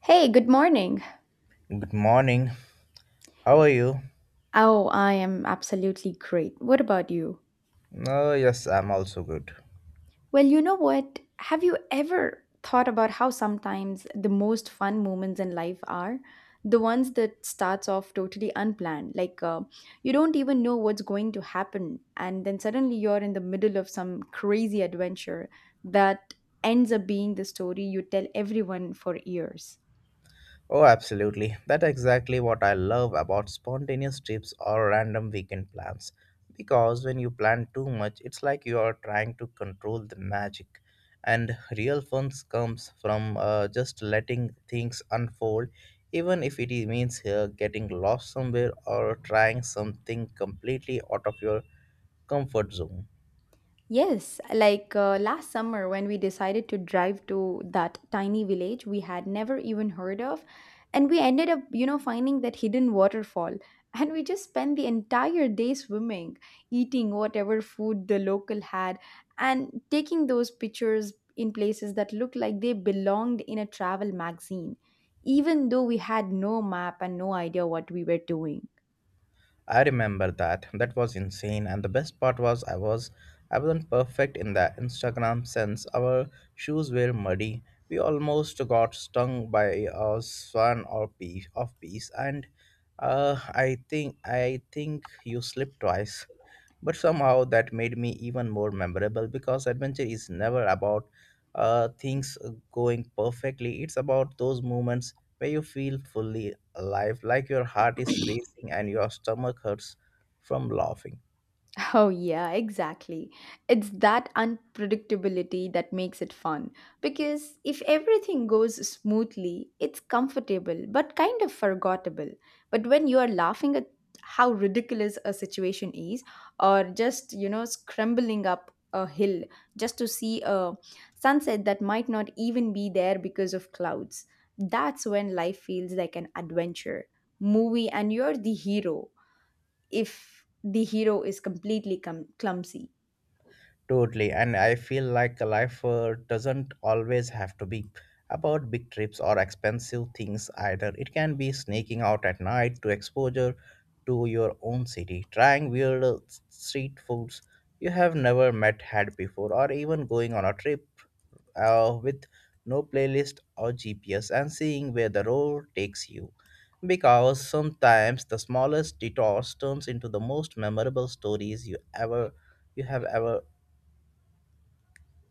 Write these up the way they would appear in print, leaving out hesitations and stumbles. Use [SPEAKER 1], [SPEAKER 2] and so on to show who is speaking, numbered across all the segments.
[SPEAKER 1] Hey, good morning.
[SPEAKER 2] Good morning. How are you?
[SPEAKER 1] Oh, I am absolutely great. What about you?
[SPEAKER 2] Oh, yes, I'm also good.
[SPEAKER 1] Well, you know what? Have you ever thought about how sometimes the most fun moments in life are the ones that starts off totally unplanned? You don't even know what's going to happen, and then suddenly you're in the middle of some crazy adventure that ends up being the story you tell everyone for years.
[SPEAKER 2] Oh, absolutely. That's exactly what I love about spontaneous trips or random weekend plans. Because when you plan too much, it's like you are trying to control the magic. And real fun comes from just letting things unfold, even if it means getting lost somewhere or trying something completely out of your comfort zone.
[SPEAKER 1] Yes, last summer when we decided to drive to that tiny village we had never even heard of, and we ended up, you know, finding that hidden waterfall. And we just spent the entire day swimming, eating whatever food the local had, and taking those pictures in places that looked like they belonged in a travel magazine, even though we had no map and no idea what we were doing.
[SPEAKER 2] I remember that. That was insane. And the best part was I wasn't perfect in that Instagram sense. Our shoes were muddy. We almost got stung by a swan or piece of peace and I think you slipped twice. But somehow that made me even more memorable because adventure is never about things going perfectly. It's about those moments where you feel fully alive, like your heart is racing and your stomach hurts from laughing.
[SPEAKER 1] Oh, yeah, exactly. It's that unpredictability that makes it fun. Because if everything goes smoothly, it's comfortable but kind of forgettable. But when you are laughing at how ridiculous a situation is, or just, you know, scrambling up a hill just to see a sunset that might not even be there because of clouds, that's when life feels like an adventure movie and you're the hero if the hero is completely cum clumsy.
[SPEAKER 2] Totally. And I feel like life doesn't always have to be about big trips or expensive things either. It can be sneaking out at night to exposure to your own city, trying weird street foods you have never met had before, or even going on a trip with no playlist or GPS and seeing where the road takes you. Because sometimes the smallest detours turns into the most memorable stories you have ever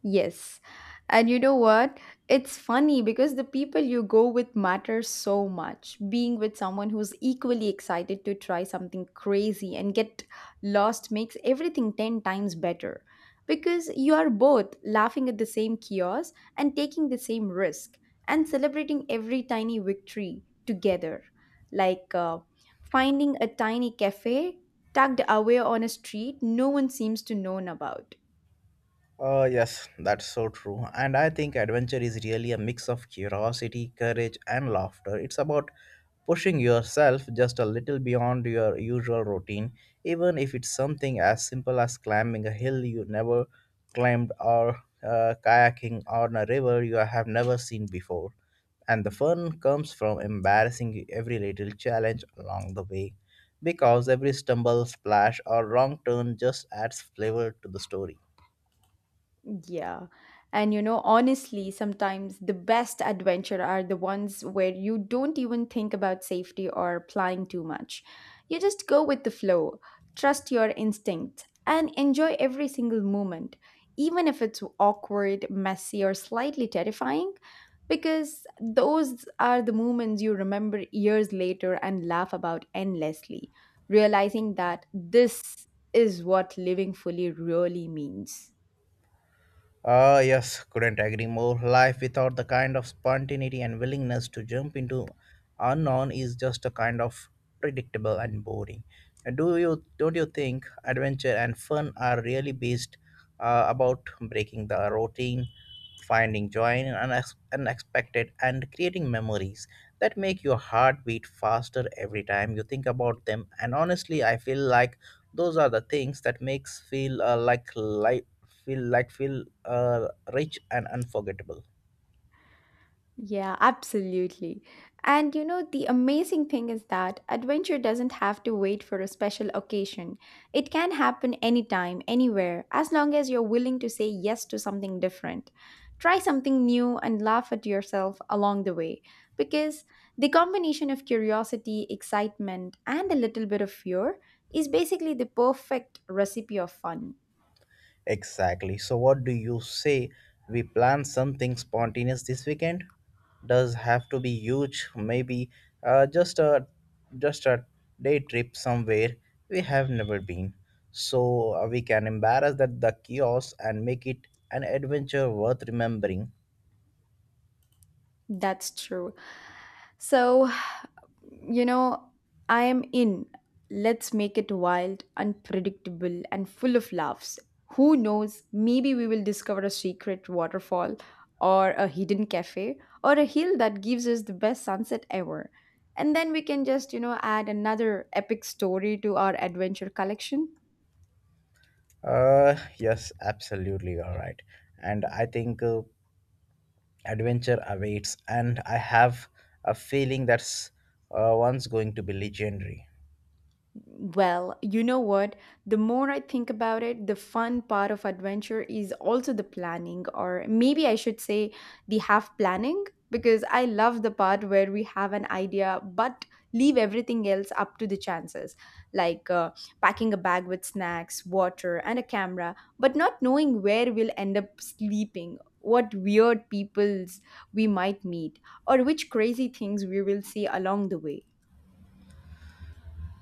[SPEAKER 1] Yes. And you know what? It's funny because the people you go with matter so much. Being with someone who's equally excited to try something crazy and get lost makes everything 10 times better because you are both laughing at the same chaos and taking the same risk and celebrating every tiny victory together. Like uh, finding a tiny cafe tucked away on a street no one seems to know about.
[SPEAKER 2] Yes, that's so true. And I think adventure is really a mix of curiosity, courage, and laughter. It's about pushing yourself just a little beyond your usual routine, even if it's something as simple as climbing a hill you never climbed, or kayaking on a river you have never seen before. And the fun comes from embarrassing every little challenge along the way, because every stumble, splash, or wrong turn just adds flavor to the story.
[SPEAKER 1] Yeah. And you know, honestly, sometimes the best adventure are the ones where you don't even think about safety or planning too much. You just go with the flow, trust your instinct, and enjoy every single moment, even if it's awkward, messy, or slightly terrifying, because those are the moments you remember years later and laugh about endlessly, realizing that this is what living fully really means.
[SPEAKER 2] Ah, yes, couldn't agree more. Life without the kind of spontaneity and willingness to jump into unknown is just a kind of predictable and boring. And Do you Don't you think adventure and fun are really based about breaking the routine, finding joy in unexpected, and creating memories that make your heart beat faster every time you think about them? And honestly, I feel like those are the things that makes feel like life feel rich and unforgettable.
[SPEAKER 1] Yeah, absolutely. And you know, the amazing thing is that adventure doesn't have to wait for a special occasion. It can happen anytime, anywhere, as long as you're willing to say yes to something different. Try something new and laugh at yourself along the way. Because the combination of curiosity, excitement, and a little bit of fear is basically the perfect recipe of fun.
[SPEAKER 2] Exactly. So, what do you say? We plan something spontaneous this weekend. Does have to be huge. Maybe uh, just a just a day trip somewhere we have never been. So we can embarrass that the chaos and make it an adventure worth remembering.
[SPEAKER 1] That's true. So, you know, I am in. Let's make it wild, unpredictable, and full of laughs. Who knows? Maybe we will discover a secret waterfall or a hidden cafe or a hill that gives us the best sunset ever. And then we can just, you know, add another epic story to our adventure collection.
[SPEAKER 2] Yes, absolutely. All right. And I think adventure awaits, and I have a feeling that's one's going to be legendary.
[SPEAKER 1] Well, you know what? The more I think about it, the fun part of adventure is also the planning, or maybe I should say the half planning, because I love the part where we have an idea but leave everything else up to the chances, like uh, packing a bag with snacks, water, and a camera, but not knowing where we'll end up sleeping, what weird peoples we might meet, or which crazy things we will see along the way.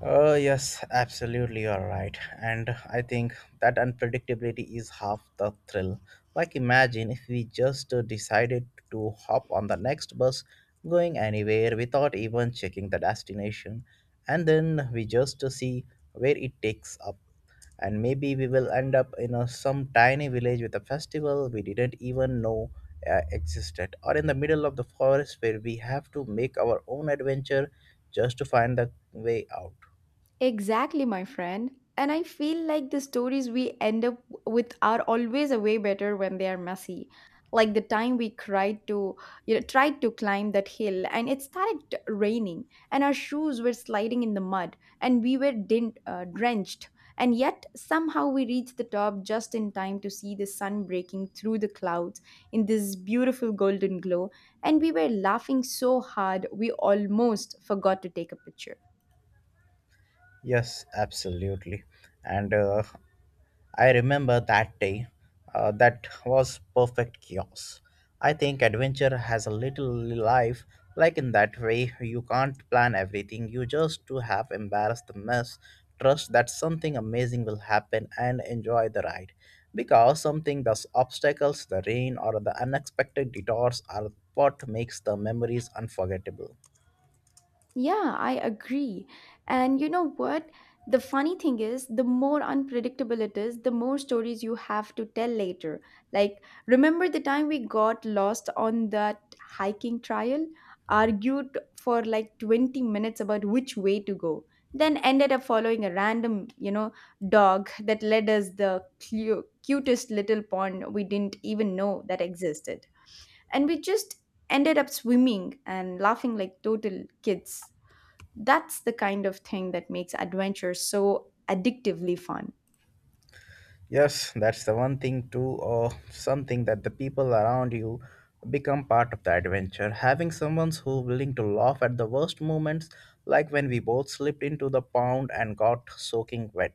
[SPEAKER 2] Oh, yes, absolutely, you're right. And I think that unpredictability is half the thrill. Like, imagine if we just decided to hop on the next bus going anywhere without even checking the destination, and then we just see where it takes up. And maybe we will end up in a, some tiny village with a festival we didn't even know existed, or in the middle of the forest where we have to make our own adventure just to find the way out.
[SPEAKER 1] Exactly, my friend. And I feel like the stories we end up with are always a way better when they are messy. Like the time we cried to, you know, tried to climb that hill and it started raining and our shoes were sliding in the mud and we were drenched. And yet somehow we reached the top just in time to see the sun breaking through the clouds in this beautiful golden glow. And we were laughing so hard we almost forgot to take a picture.
[SPEAKER 2] Yes, absolutely. And I remember that day. That was perfect chaos. I think adventure has a little life like in that way. You can't plan everything. You just to have embarrassed the mess, trust that something amazing will happen and enjoy the ride. Because something those obstacles, the rain or the unexpected detours are what makes the memories unforgettable.
[SPEAKER 1] Yeah, I agree. And you know what? The funny thing is, the more unpredictable it is, the more stories you have to tell later. Like, remember the time we got lost on that hiking trail, argued for like 20 minutes about which way to go, then ended up following a random, you know, dog that led us the cutest little pond we didn't even know that existed. And we just ended up swimming and laughing like total kids. That's the kind of thing that makes adventure so addictively fun.
[SPEAKER 2] Yes, that's the one thing too, or something that the people around you become part of the adventure. Having someone who willing to laugh at the worst moments, like when we both slipped into the pond and got soaking wet,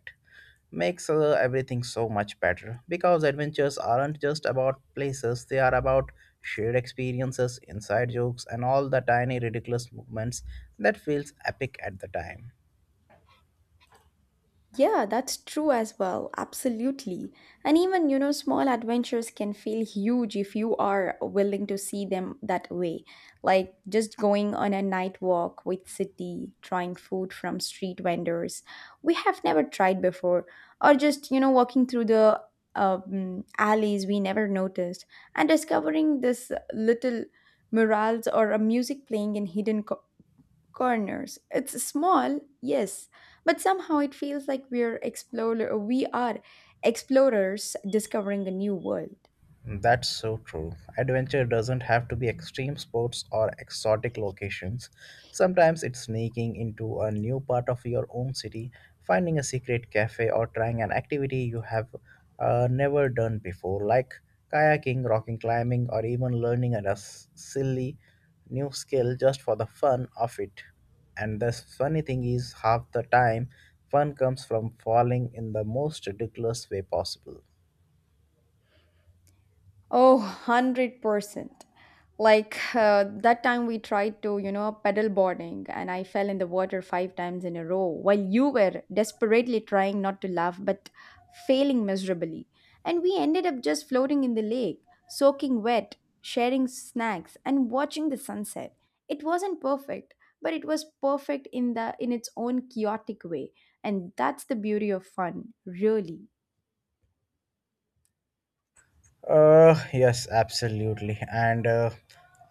[SPEAKER 2] makes everything so much better. Because adventures aren't just about places; they are about shared experiences, inside jokes, and all the tiny ridiculous moments that feels epic at the time.
[SPEAKER 1] Yeah, that's true as well. Absolutely. And even, you know, small adventures can feel huge if you are willing to see them that way. Like just going on a night walk with city, trying food from street vendors we have never tried before, or just, you know, walking through the alleys we never noticed and discovering this little murals or a music playing in hidden corners. It's small, yes, but somehow it feels like we are explorers discovering a new world.
[SPEAKER 2] That's so true. Adventure doesn't have to be extreme sports or exotic locations. Sometimes it's sneaking into a new part of your own city, finding a secret cafe, or trying an activity you have never done before, like kayaking, rocking climbing, or even learning a silly new skill just for the fun of it. And the funny thing is, half the time, fun comes from falling in the most ridiculous way possible.
[SPEAKER 1] Oh, 100%. That time we tried to, you know, pedal boarding and I fell in the water five times in a row while you were desperately trying not to laugh but failing miserably. And we ended up just floating in the lake, soaking wet, sharing snacks and watching the sunset. It wasn't perfect, but it was perfect in the in its own chaotic way. And that's the beauty of fun, really.
[SPEAKER 2] Yes, absolutely,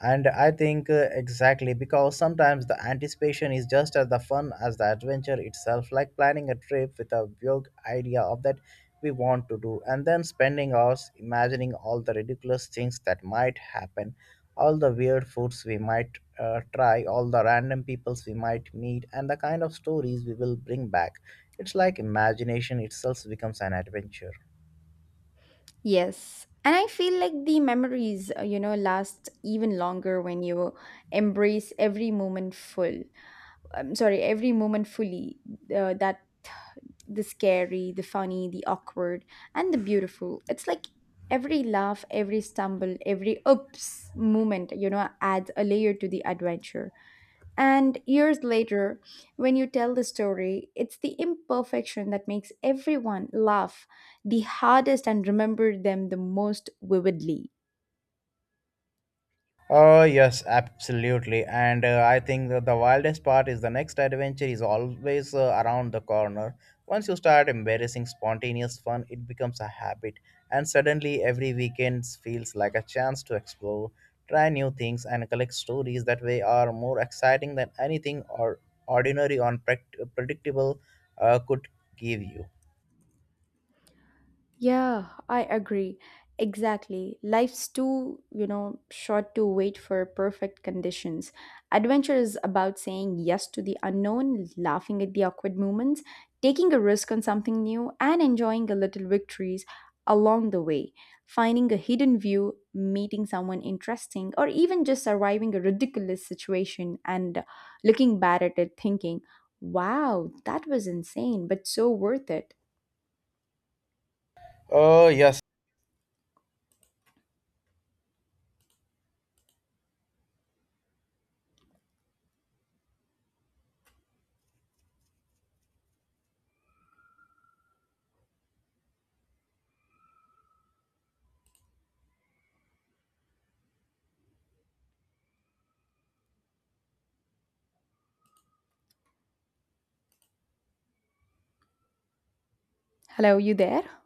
[SPEAKER 2] and I think exactly, because sometimes the anticipation is just as the fun as the adventure itself. Like planning a trip with a vague idea of that we want to do, and then spending hours imagining all the ridiculous things that might happen, all the weird foods we might try, all the random peoples we might meet, and the kind of stories we will bring back. It's like imagination itself becomes an adventure.
[SPEAKER 1] Yes. And I feel like the memories, you know, last even longer when you embrace every moment full. I'm sorry, every moment fully. That the scary, the funny, the awkward, and the beautiful. It's like every laugh, every stumble, every oops moment, you know, adds a layer to the adventure. And years later, when you tell the story, it's the imperfection that makes everyone laugh the hardest and remember them the most vividly.
[SPEAKER 2] Oh, yes, absolutely. And I think that the wildest part is the next adventure is always around the corner. Once you start embarrassing spontaneous fun, it becomes a habit. And suddenly, every weekend feels like a chance to explore, try new things, and collect stories that way are more exciting than anything or ordinary or predictable could give you.
[SPEAKER 1] Yeah, I agree. Exactly. Life's too, you know, short to wait for perfect conditions. Adventure is about saying yes to the unknown, laughing at the awkward moments, taking a risk on something new, and enjoying the little victories along the way. Finding a hidden view, meeting someone interesting, or even just surviving a ridiculous situation and looking back at it thinking, wow, that was insane, but so worth it.
[SPEAKER 2] Oh, yes,
[SPEAKER 1] Hello, you there?